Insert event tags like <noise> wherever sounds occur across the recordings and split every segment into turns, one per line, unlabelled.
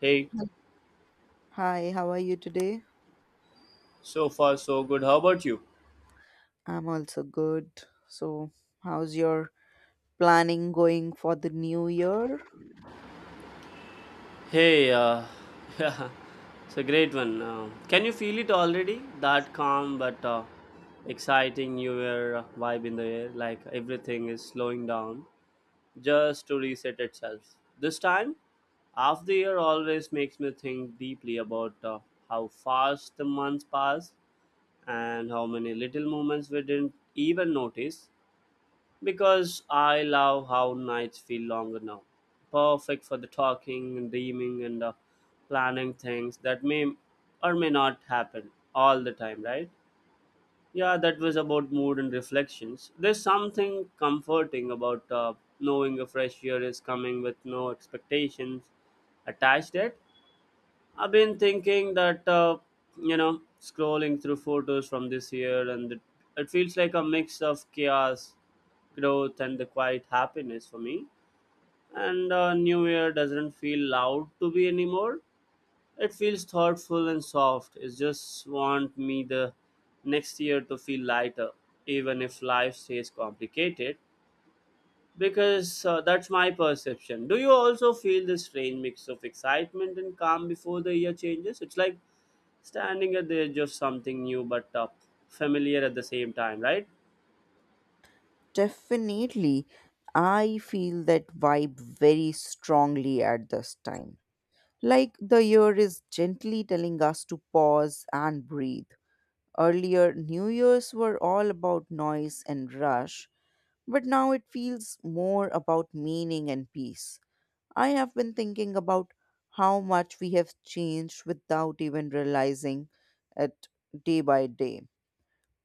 Hey,
Hi, how are you today?
so far so good. How about you?
I'm also good. So, how's your planning going for the new year?
Hey, <laughs> yeah, it's a great one. Can you feel it already? That calm but exciting New Year vibe in the air, like everything is slowing down just to reset itself. This time, half the year always makes me think deeply about how fast the months pass and how many little moments we didn't even notice because I love how nights feel longer now. Perfect for the talking and dreaming and planning things that may or may not happen all the time, right? Yeah, that was about mood and reflections. There's something comforting about knowing a fresh year is coming with no expectations attached yet. I've been thinking that scrolling through photos from this year, and it feels like a mix of chaos, growth, and the quiet happiness for me. And New Year doesn't feel loud to be anymore. It feels thoughtful and soft. It just want me the next year to feel lighter, even if life stays complicated. Because that's my perception. Do you also feel this strange mix of excitement and calm before the year changes? It's like standing at the edge of something new but familiar at the same time, right?
Definitely. I feel that vibe very strongly at this time. Like the year is gently telling us to pause and breathe. Earlier, New Year's were all about noise and rush, but now it feels more about meaning and peace. I have been thinking about how much we have changed without even realizing it day by day.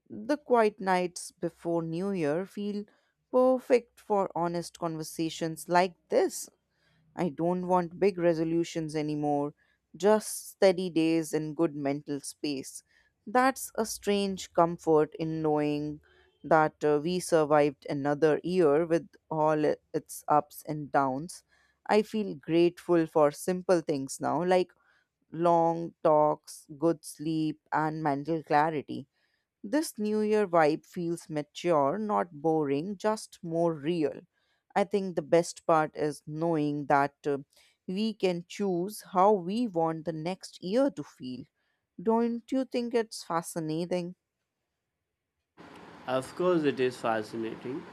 The quiet nights before New Year feel perfect for honest conversations like this. I don't want big resolutions anymore, just steady days and good mental space. That's a strange comfort in knowing that we survived another year with all its ups and downs. I feel grateful for simple things now, like long talks, good sleep, and mental clarity. This New Year vibe feels mature, not boring, just more real. I think the best part is knowing that we can choose how we want the next year to feel. Don't you think it's fascinating?
Of course, it is fascinating.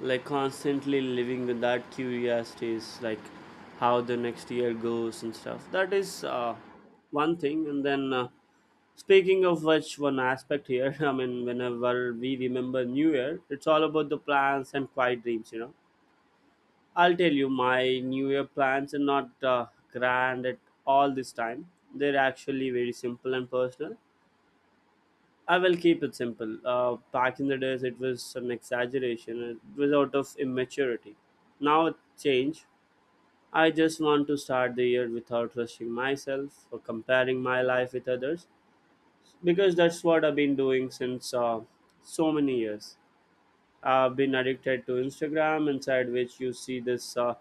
Like constantly living with that curiosity is like how the next year goes and stuff. That is one thing. And then, speaking of which, one aspect here, <laughs> I mean, whenever we remember New Year, it's all about the plans and quiet dreams, you know. I'll tell you, my New Year plans are not grand at all this time. They're actually very simple and personal. I will keep it simple. Back in the days, it was some exaggeration. It was out of immaturity. Now it changed. I just want to start the year without rushing myself or comparing my life with others because that's what I've been doing since so many years. I've been addicted to Instagram, inside which you see this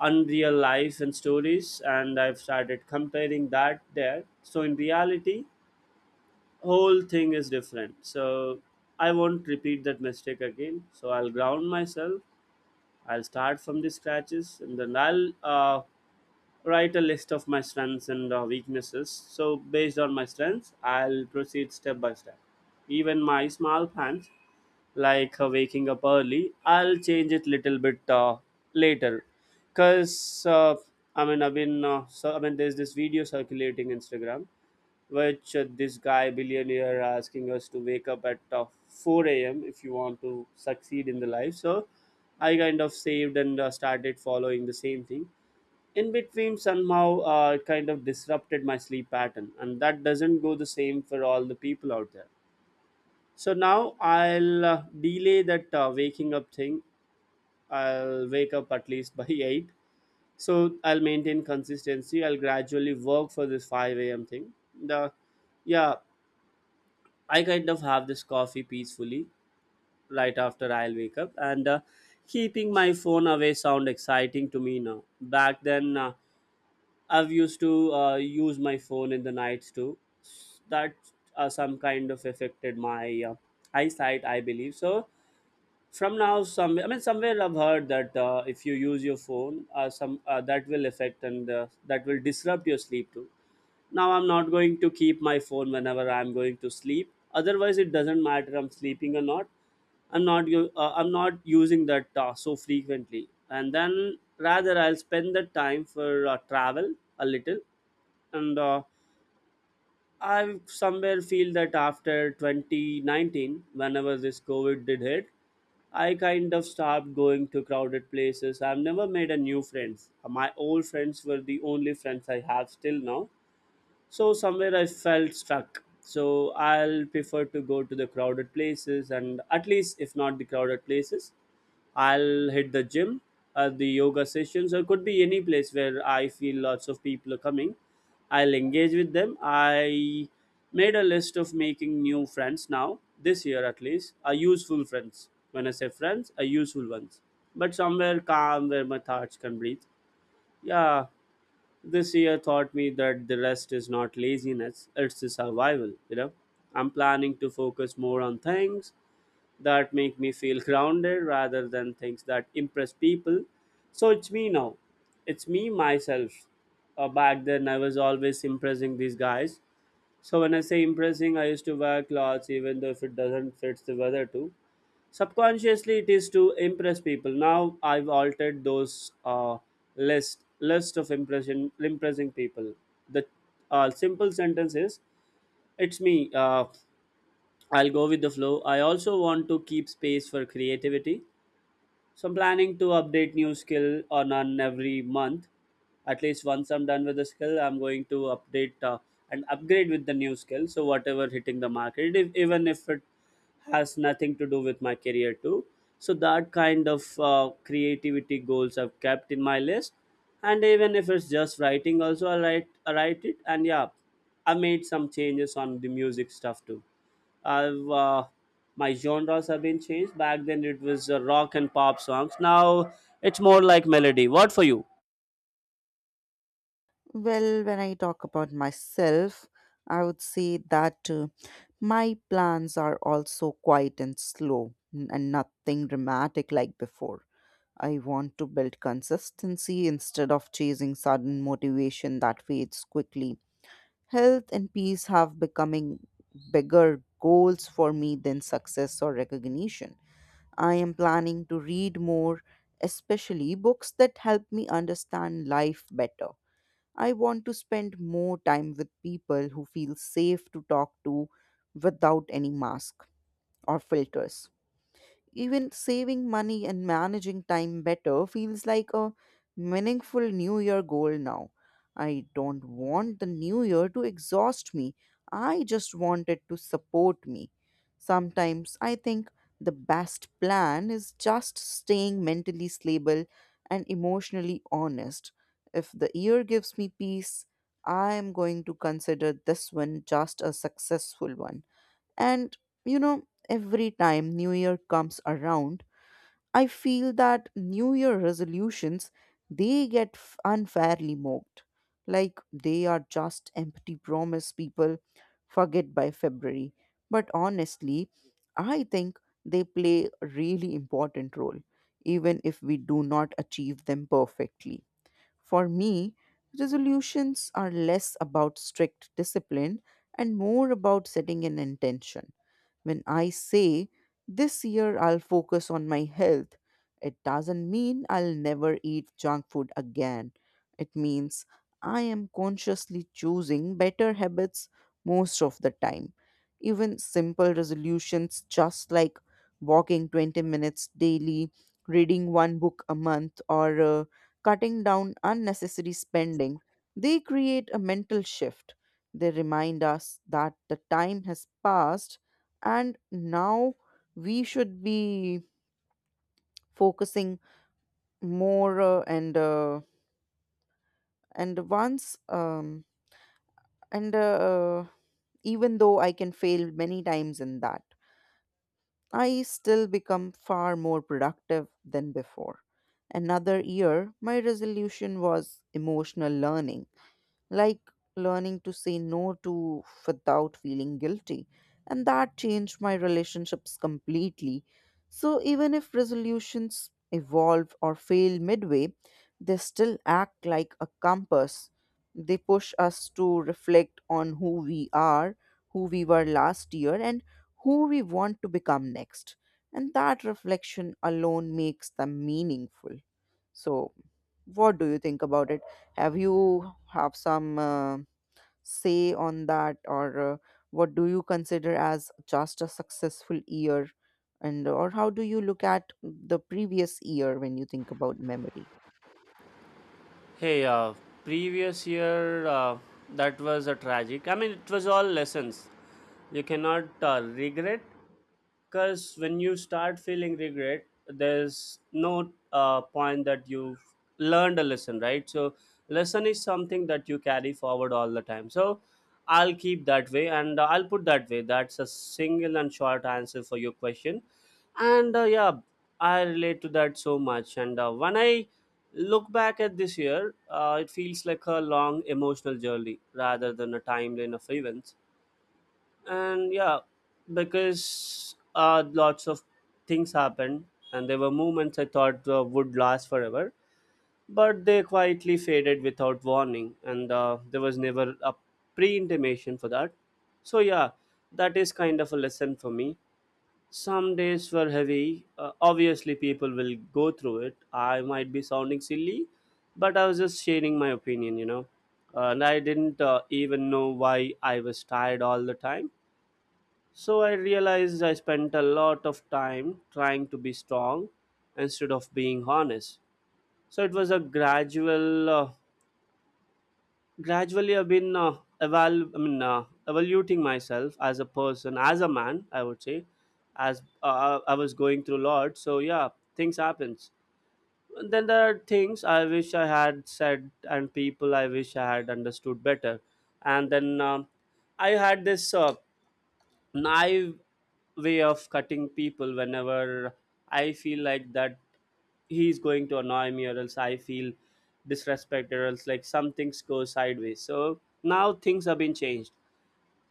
unreal life and stories, and I've started comparing that there. So in reality, whole thing is different. So I won't repeat that mistake again. So I'll ground myself. I'll start from the scratches, and then I'll write a list of my strengths and weaknesses. So based on my strengths, I'll proceed step by step. Even my small plans, like waking up early, I'll change it little bit later, cause I mean I've been so I mean there's this video circulating Instagram which this guy billionaire asking us to wake up at 4 a.m. if you want to succeed in the life. So I kind of saved and started following the same thing. In between, somehow it kind of disrupted my sleep pattern, and that doesn't go the same for all the people out there. So now I'll delay that waking up thing. I'll wake up at least by <laughs> 8. So I'll maintain consistency. I'll gradually work for this 5 a.m. thing. The yeah I kind of have this coffee peacefully right after I'll wake up, and keeping my phone away sound exciting to me now. Back then, I've used to use my phone in the nights too. That Some kind of affected my eyesight, I believe. So from now, somewhere I've heard that if you use your phone, some that will affect and that will disrupt your sleep too. Now I'm not going to keep my phone whenever I'm going to sleep. Otherwise it doesn't matter I'm sleeping or not, I'm not using that so frequently, and then rather I'll spend the time for travel a little. And I somewhere feel that after 2019, whenever this COVID did hit, I kind of stopped going to crowded places. I've never made a new friends. My old friends were the only friends I have still now. So somewhere I felt stuck. So I'll prefer to go to the crowded places, and at least if not the crowded places, I'll hit the gym, the yoga sessions, or could be any place where I feel lots of people are coming. I'll engage with them. I made a list of making new friends now, this year at least, are useful friends. When I say friends, are useful ones. But somewhere calm where my thoughts can breathe. Yeah, this year taught me that the rest is not laziness, it's the survival, you know. I'm planning to focus more on things that make me feel grounded rather than things that impress people. So it's me now. It's me myself. Back then I was always impressing these guys. So when I say impressing, I used to wear clothes even though if it doesn't fit the weather too. Subconsciously it is to impress people. Now I've altered those uh, list list of impression impressing people. The Simple sentence is it's me. uh, I'll go with the flow. I also want to keep space for creativity, so I'm planning to update new skill on every month. At least once I'm done with the skill, I'm going to update and upgrade with the new skill. So whatever hitting the market, if, even if it has nothing to do with my career too. So that kind of creativity goals I've kept in my list. And even if it's just writing, also I write it. And yeah, I made some changes on the music stuff too. I've My genres have been changed. Back then it was rock and pop songs. Now it's more like melody. What for you?
Well, when I talk about myself, I would say that my plans are also quiet and slow and nothing dramatic like before. I want to build consistency instead of chasing sudden motivation that fades quickly. Health and peace have becoming bigger goals for me than success or recognition. I am planning to read more, especially books that help me understand life better. I want to spend more time with people who feel safe to talk to without any mask or filters. Even saving money and managing time better feels like a meaningful New Year goal now. I don't want the New Year to exhaust me. I just want it to support me. Sometimes I think the best plan is just staying mentally stable and emotionally honest. If the year gives me peace, I am going to consider this one just a successful one. And you know, every time New Year comes around, I feel that New Year resolutions, they get unfairly mocked. Like they are just empty promise people forget by February. But honestly, I think they play a really important role, even if we do not achieve them perfectly. For me, resolutions are less about strict discipline and more about setting an intention. When I say, this year I'll focus on my health, it doesn't mean I'll never eat junk food again. It means I am consciously choosing better habits most of the time. Even simple resolutions, just like walking 20 minutes daily, reading one book a month, or cutting down unnecessary spending, they create a mental shift. They remind us that the time has passed and now we should be focusing more and once and even though I can fail many times in that, I still become far more productive than before. Another year my resolution was emotional learning, like learning to say no to without feeling guilty. And that changed my relationships completely. So even if resolutions evolve or fail midway, they still act like a compass. They push us to reflect on who we are, who we were last year, and who we want to become next. And that reflection alone makes them meaningful. So, what do you think about it? Have you have some say on that, or what do you consider as just a successful year, and or how do you look at the previous year when you think about memory?
Hey, previous year that was a tragic. I mean, it was all lessons. You cannot regret, because when you start feeling regret there's no point that you've learned a lesson, right? So lesson is something that you carry forward all the time. So I'll keep that way and I'll put that way. That's a single and short answer for your question. And yeah, I relate to that so much. And when I look back at this year, it feels like a long emotional journey rather than a timeline of events. And yeah, because lots of things happened, and there were moments I thought would last forever, but they quietly faded without warning. And there was never a pre-intimation for that. So yeah, that is kind of a lesson for me. Some days were heavy. Obviously people will go through it. I might be sounding silly, but I was just sharing my opinion, you know. And I didn't even know why I was tired all the time. So I realized I spent a lot of time trying to be strong instead of being honest. So it was a gradually I've been evaluating myself as a person, as a man, I would say, as I was going through a lot. So yeah, things happens. Then there are things I wish I had said and people I wish I had understood better. And then I had this. Naive way of cutting people whenever I feel like that he's going to annoy me, or else I feel disrespected, or else like some things go sideways. So now things have been changed.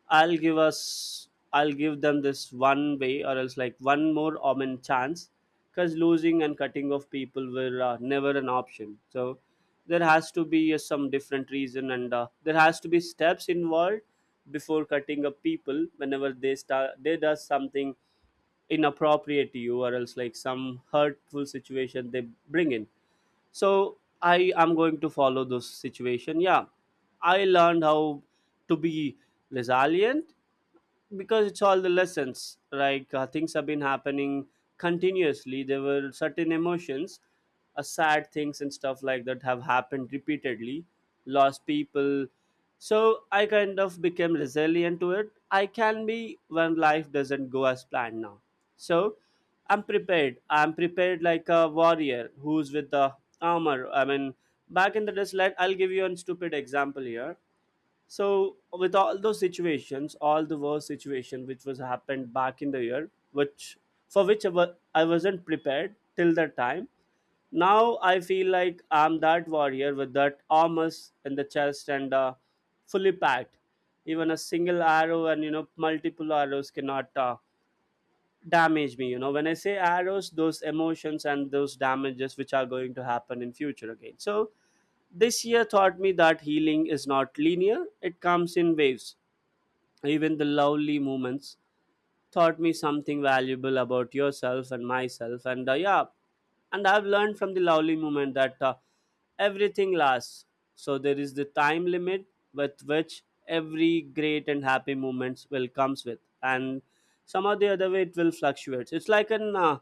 I'll give them this one way, or else like one more omen chance, because losing and cutting off people were never an option. So there has to be some different reason, and there has to be steps involved before cutting up people whenever they does something inappropriate to you, or else like some hurtful situation they bring in. So I am going to follow those situation. Yeah, I learned how to be resilient, because it's all the lessons. Like things have been happening continuously. There were certain emotions, sad things and stuff like that have happened repeatedly. Lost people. So I kind of became resilient to it. I can be when life doesn't go as planned now. So I'm prepared like a warrior who's with the armor. I mean, back in the days, let I'll give you a stupid example here. So with all those situations, all the worst situation which was happened back in the year, which for which I wasn't prepared till that time. Now I feel like I'm that warrior with that armors in the chest and fully packed. Even a single arrow and you know multiple arrows cannot damage me, you know, when I say arrows, those emotions and those damages which are going to happen in future again. So this year taught me that healing is not linear, it comes in waves. Even the lovely moments taught me something valuable about yourself and myself, and yeah. And I've learned from the lovely moment that everything lasts. So there is the time limit with which every great and happy moments will comes with. And somehow the other way it will fluctuate. It's like an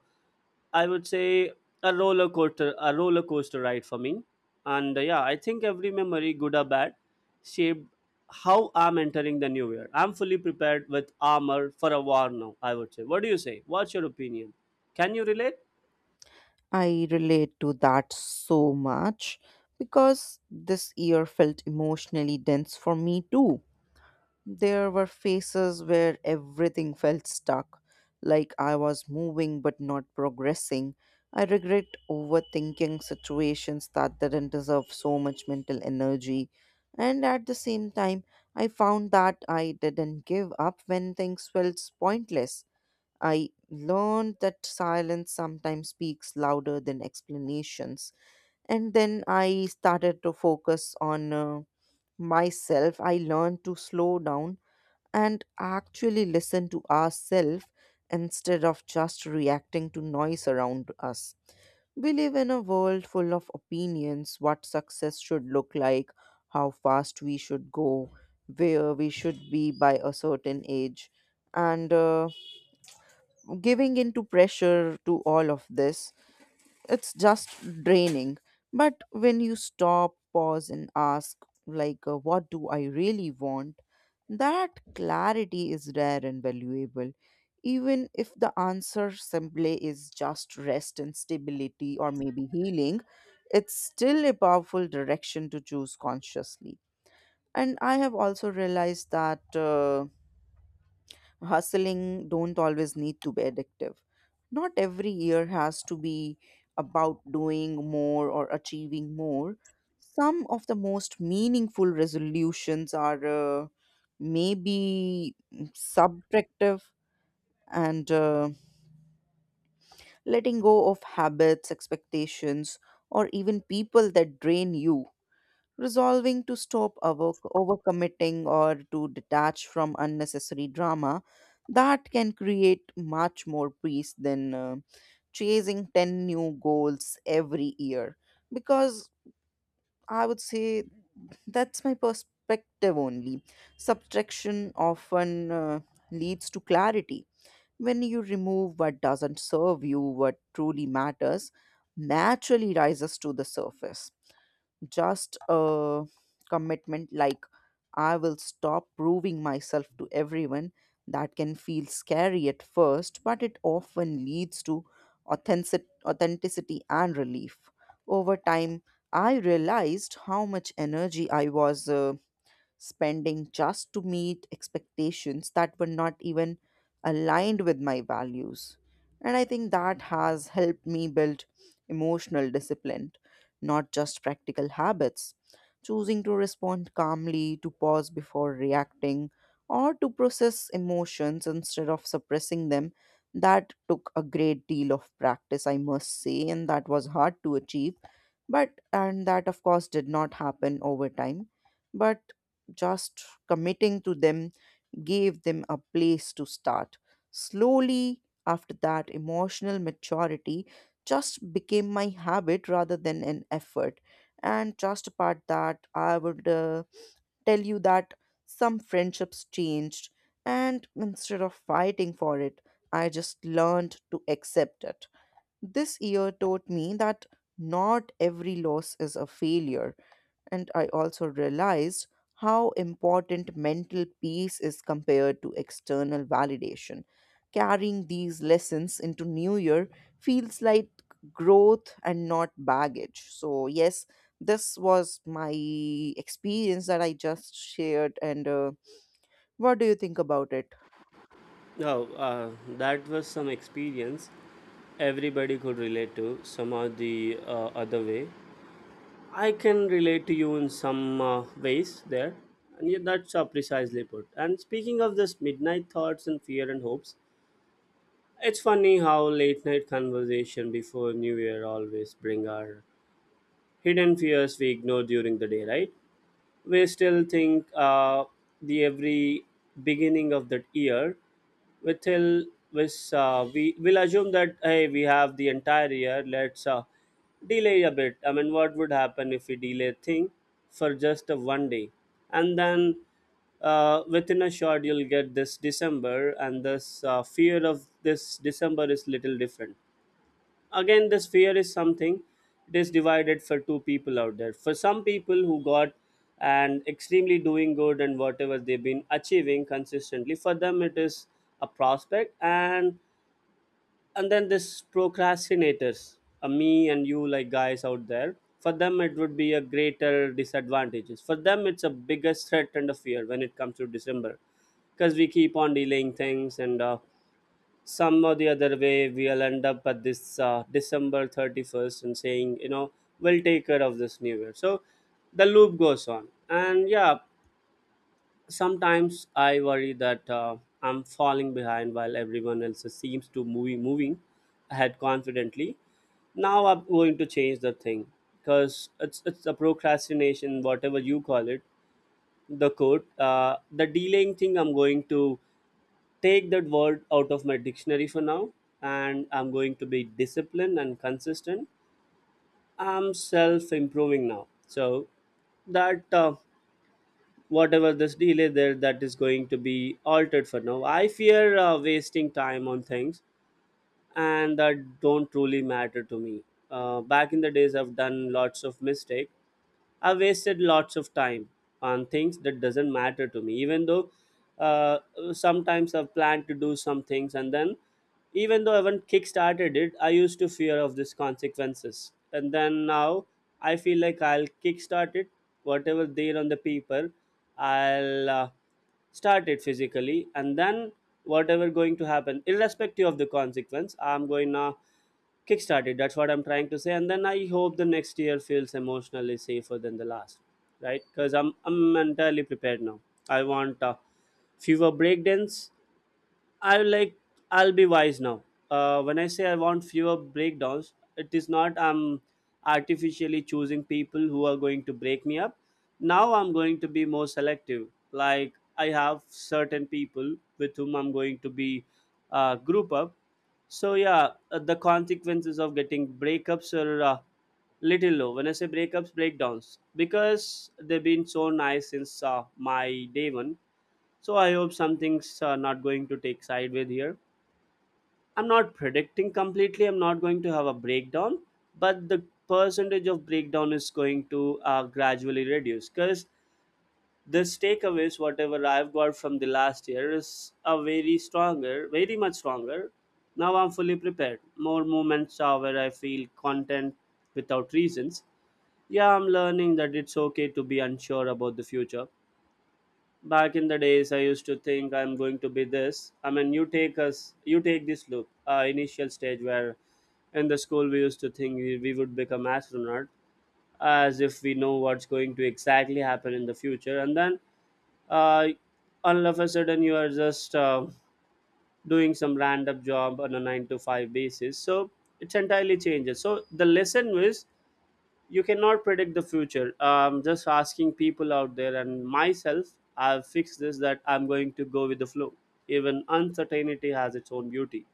I would say a roller coaster ride for me. And yeah, I think every memory, good or bad, shaped how I'm entering the new year. I'm fully prepared with armor for a war now, I would say. What do you say? What's your opinion? Can you relate?
I relate to that so much because this year felt emotionally dense for me too. There were phases where everything felt stuck, like I was moving but not progressing. I regret overthinking situations that didn't deserve so much mental energy. And at the same time, I found that I didn't give up when things felt pointless. I learned that silence sometimes speaks louder than explanations. And then I started to focus on myself. I learned to slow down and actually listen to ourselves instead of just reacting to noise around us. We live in a world full of opinions what success should look like, how fast we should go, where we should be by a certain age, and giving into pressure to all of this, it's just draining. But when you stop, pause, and ask, like, what do I really want? That clarity is rare and valuable. Even if the answer simply is just rest and stability or maybe healing, it's still a powerful direction to choose consciously. And I have also realized that. Hustling don't always need to be addictive. Not every year has to be about doing more or achieving more. Some of the most meaningful resolutions are maybe subtractive, and letting go of habits, expectations, or even people that drain you, resolving to stop overcommitting or to detach from unnecessary drama that can create much more peace than chasing 10 new goals every year, because I would say that's my perspective only. Subtraction often uh, leads to clarity. When you remove what doesn't serve you, what truly matters naturally rises to the surface. Just a commitment like, I will stop proving myself to everyone. That can feel scary at first, but it often leads to authenticity and relief. Over time, I realized how much energy I was spending just to meet expectations that were not even aligned with my values. And I think that has helped me build emotional discipline, not just practical habits. Choosing to respond calmly, to pause before reacting, or to process emotions instead of suppressing them, that took a great deal of practice, I must say, and that was hard to achieve, but, and that of course did not happen over time, but just committing to them gave them a place to start. Slowly, after that, emotional maturity just became my habit rather than an effort. And just apart that, I would tell you that some friendships changed, and instead of fighting for it, I just learned to accept it. This year taught me that not every loss is a failure, and I also realized how important mental peace is compared to external validation. Carrying these lessons into new year feels like growth and not baggage. So yes, this was my experience that I just shared, and what do you think about it?
Oh, that was some experience everybody could relate to somehow the other way. I can relate to you in some ways there, and yeah, that's precisely put. And speaking of this midnight thoughts and fear and hopes, it's funny how late night conversation before New Year always bring our hidden fears we ignore during the day, right? We still think the every beginning of that year we till we will assume that, hey, we have the entire year. Let's delay a bit. I mean, what would happen if we delay thing for just a 1 day? And then within a short you'll get this december, and this fear of this december is little different. Again, this fear is something, it is divided for two people out there. For some people who got and extremely doing good and whatever they've been achieving consistently, for them it is a prospect. And then this procrastinators, me and you like guys out there, for them it would be a greater disadvantages, for them it's a biggest threat and a fear when it comes to december, because we keep on delaying things. And some or the other way we'll end up at this december 31st and saying, you know, we'll take care of this new year. So the loop goes on. And yeah, sometimes I worry that I'm falling behind while everyone else seems to moving ahead confidently. Now I'm going to change the thing, because it's a procrastination, whatever you call it, the code, the delaying thing. I'm going to take that word out of my dictionary for now, and I'm going to be disciplined and consistent. I'm self improving now, so that whatever this delay there that is going to be altered for now. I fear wasting time on things and that don't truly matter to me. Back in the days I've done lots of mistake. I've wasted lots of time on things that doesn't matter to me. Even though uh, sometimes I've planned to do some things, and then even though I haven't kickstarted it, I used to fear of these consequences. And then now I feel like I'll kickstart it, whatever there on the paper. I'll start it physically, and then whatever going to happen, irrespective of the consequence, I'm going to kickstarted. That's what I'm trying to say. And then I hope the next year feels emotionally safer than the last, right? Because I'm entirely prepared now. I want fewer breakdowns. I will like I'll be wise now. When I say I want fewer breakdowns, it is not I'm artificially choosing people who are going to break me up. Now I'm going to be more selective. Like I have certain people with whom I'm going to be group up. So yeah, the consequences of getting breakups are little low. When I say breakups, breakdowns, because they've been so nice since my day one, so I hope some things are not going to take sideways here. I'm not predicting completely. I'm not going to have a breakdown, but the percentage of breakdown is going to gradually reduce, because this takeaways, whatever I've got from the last year, is a very stronger, very much stronger. Now I'm fully prepared. More moments are where I feel content without reasons. Yeah, I'm learning that it's okay to be unsure about the future. Back in the days I used to think I'm going to be this. I mean, you take us, you take this look, initial stage where in the school we used to think we would become astronaut, as if we know what's going to exactly happen in the future. And then uh, all of a sudden you are just doing some random job on a 9 to 5 basis. So it's entirely changes. So the lesson was you cannot predict the future. Just asking people out there and myself, I've fixed this that I'm going to go with the flow. Even uncertainty has its own beauty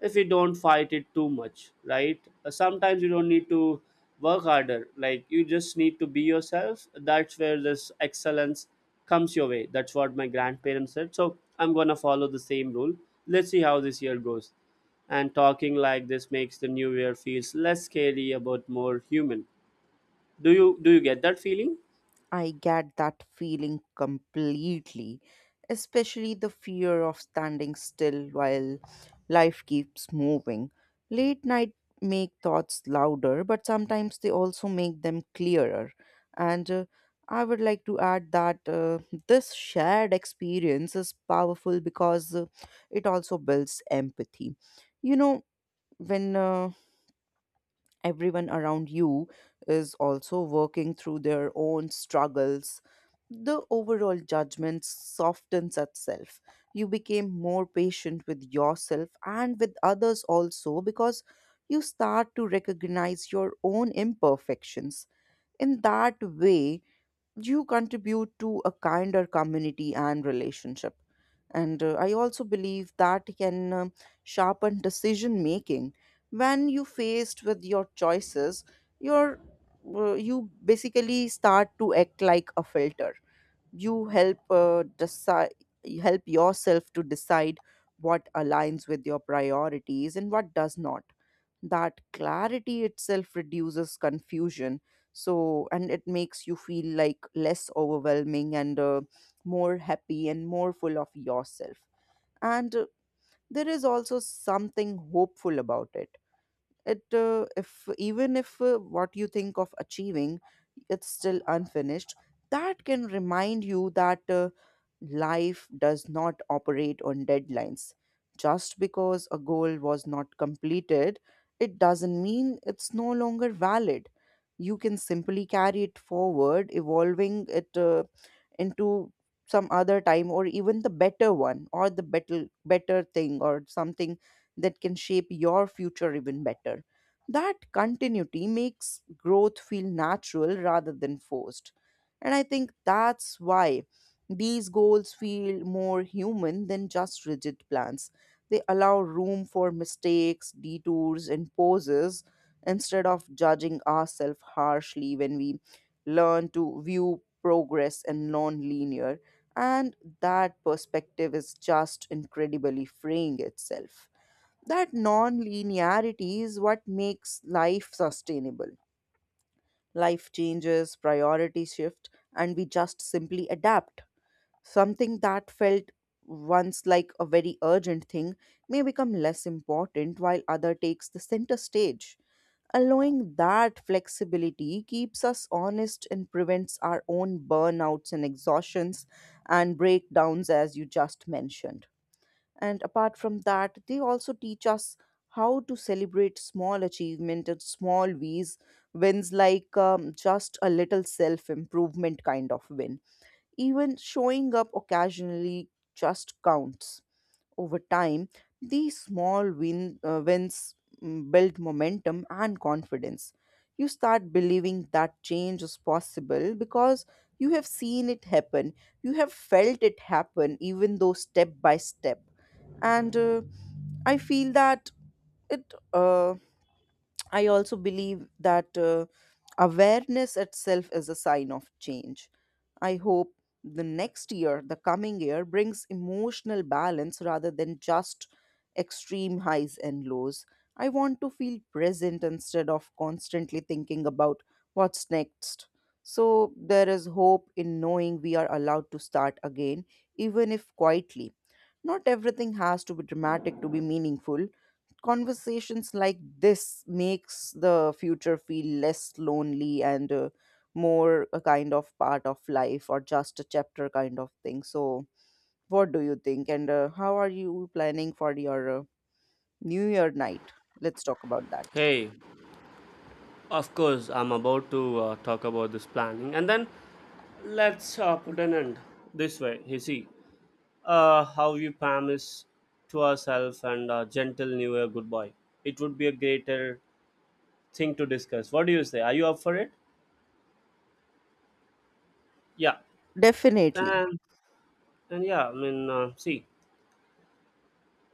if you don't fight it too much, right? Sometimes you don't need to work harder, like you just need to be yourself. That's where this excellence comes your way. That's what my grandparents said, so I'm gonna follow the same rule. Let's see how this year goes. And talking like this makes the new year feels less scary about more human. Do you get that feeling?
I get that feeling completely, especially the fear of standing still while life keeps moving. Late night make thoughts louder, but sometimes they also make them clearer. And I would like to add that this shared experience is powerful because it also builds empathy. You know, when everyone around you is also working through their own struggles, the overall judgment softens itself. You became more patient with yourself and with others also because you start to recognize your own imperfections. In that way, you contribute to a kinder community and relationship, and I also believe that can sharpen decision making. When you faced with your choices, your you basically start to act like a filter. You help decide, you help yourself to decide what aligns with your priorities and what does not. That clarity itself reduces confusion, so, and it makes you feel like less overwhelming and more happy and more full of yourself. And there is also something hopeful about it. It uh, if even if uh, what you think of achieving, it's still unfinished. That can remind you that life does not operate on deadlines. Just because a goal was not completed, it doesn't mean it's no longer valid. You can simply carry it forward, evolving it into some other time or even the better one or the better thing or something that can shape your future even better. That continuity makes growth feel natural rather than forced, and I think that's why these goals feel more human than just rigid plans. They allow room for mistakes, detours and pauses instead of judging ourselves harshly. When we learn to view progress and non-linear, and that perspective is just incredibly freeing itself. That non-linearity is what makes life sustainable. Life changes, priorities shift, and we just simply adapt. Something that felt once like a very urgent thing may become less important while other takes the center stage. Allowing that flexibility keeps us honest and prevents our own burnouts and exhaustions and breakdowns, as you just mentioned. And apart from that, they also teach us how to celebrate small achievement and small wins, wins like just a little self improvement kind of win. Even showing up occasionally just counts. Over time, these small wins build momentum and confidence. You start believing that change is possible because you have seen it happen, you have felt it happen, even though step by step. And I feel that it, uh, I also believe that awareness itself is a sign of change. I hope the next year, the coming year, brings emotional balance rather than just extreme highs and lows. I want to feel present instead of constantly thinking about what's next. So, there is hope in knowing we are allowed to start again, even if quietly. Not everything has to be dramatic to be meaningful. Conversations like this makes the future feel less lonely and more a kind of part of life or just a chapter kind of thing. So what do you think, and how are you planning for your new year night? Let's talk about that.
Hey, of course I'm about to talk about this planning, and then let's put an end this way. You see, how you promise to ourselves and gentle New Year goodbye. It would be a greater thing to discuss. What do you say? Are you up for it? Yeah,
Definitely.
and and yeah, I mean, see,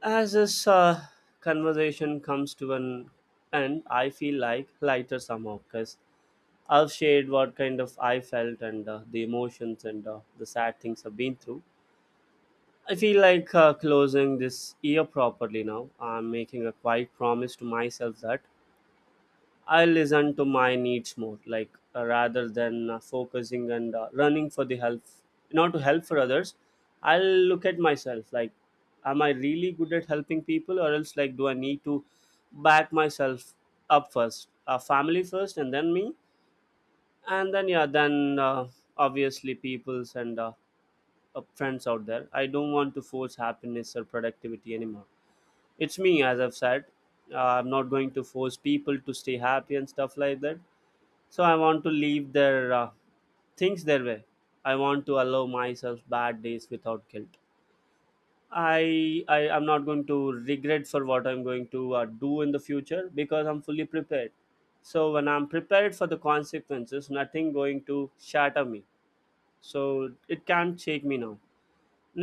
as this conversation comes to an end, I feel like lighter somehow, because I've shared what kind of I felt and the emotions and the sad things I've been through. I feel like closing this year properly now. I'm making a quiet promise to myself that I'll listen to my needs more, like rather than focusing and running for the help, not to help for others. I'll look at myself like, am I really good at helping people, or else like, do I need to back myself up first, family first, and then me? And then yeah, then obviously peoples and friends out there, I don't want to force happiness or productivity anymore. It's me, as I've said, I'm not going to force people to stay happy and stuff like that. So I want to leave their things their way. I want to allow myself bad days without guilt. I'm not going to regret for what I'm going to do in the future, because I'm fully prepared. So when I'm prepared for the consequences, nothing going to shatter me. So it can't shake me now.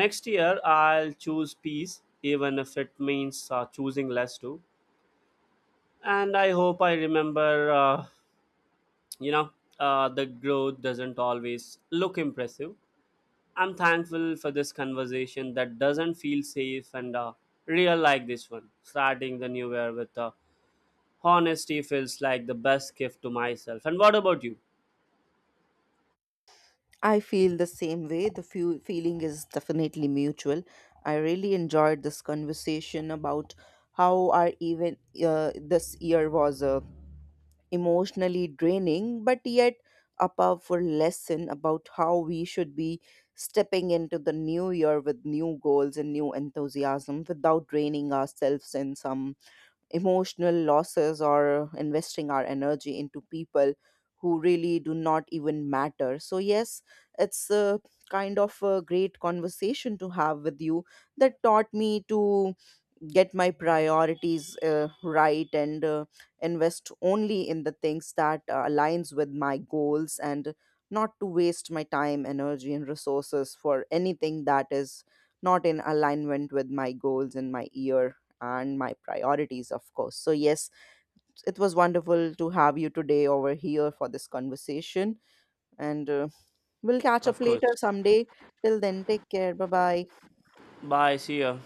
Next year I'll choose peace, even if it means choosing less too. And I hope I remember, you know, the growth doesn't always look impressive. I'm thankful for this conversation that doesn't feel safe and real like this one. Starting the new year with honesty feels like the best gift to myself. And what about you?
I feel the same way, the few feeling is definitely mutual. I really enjoyed this conversation about how our even this year was emotionally draining, but yet a powerful lesson about how we should be stepping into the new year with new goals and new enthusiasm without draining ourselves in some emotional losses or investing our energy into people who really do not even matter. So, yes, it's a kind of a great conversation to have with you that taught me to get my priorities right and invest only in the things that aligns with my goals, and not to waste my time, energy and resources for anything that is not in alignment with my goals and my year and my priorities, of course. So yes, it was wonderful to have you today over here for this conversation, and we'll catch up
Of course.
later someday. Till then, take care, bye bye.
Bye, see ya.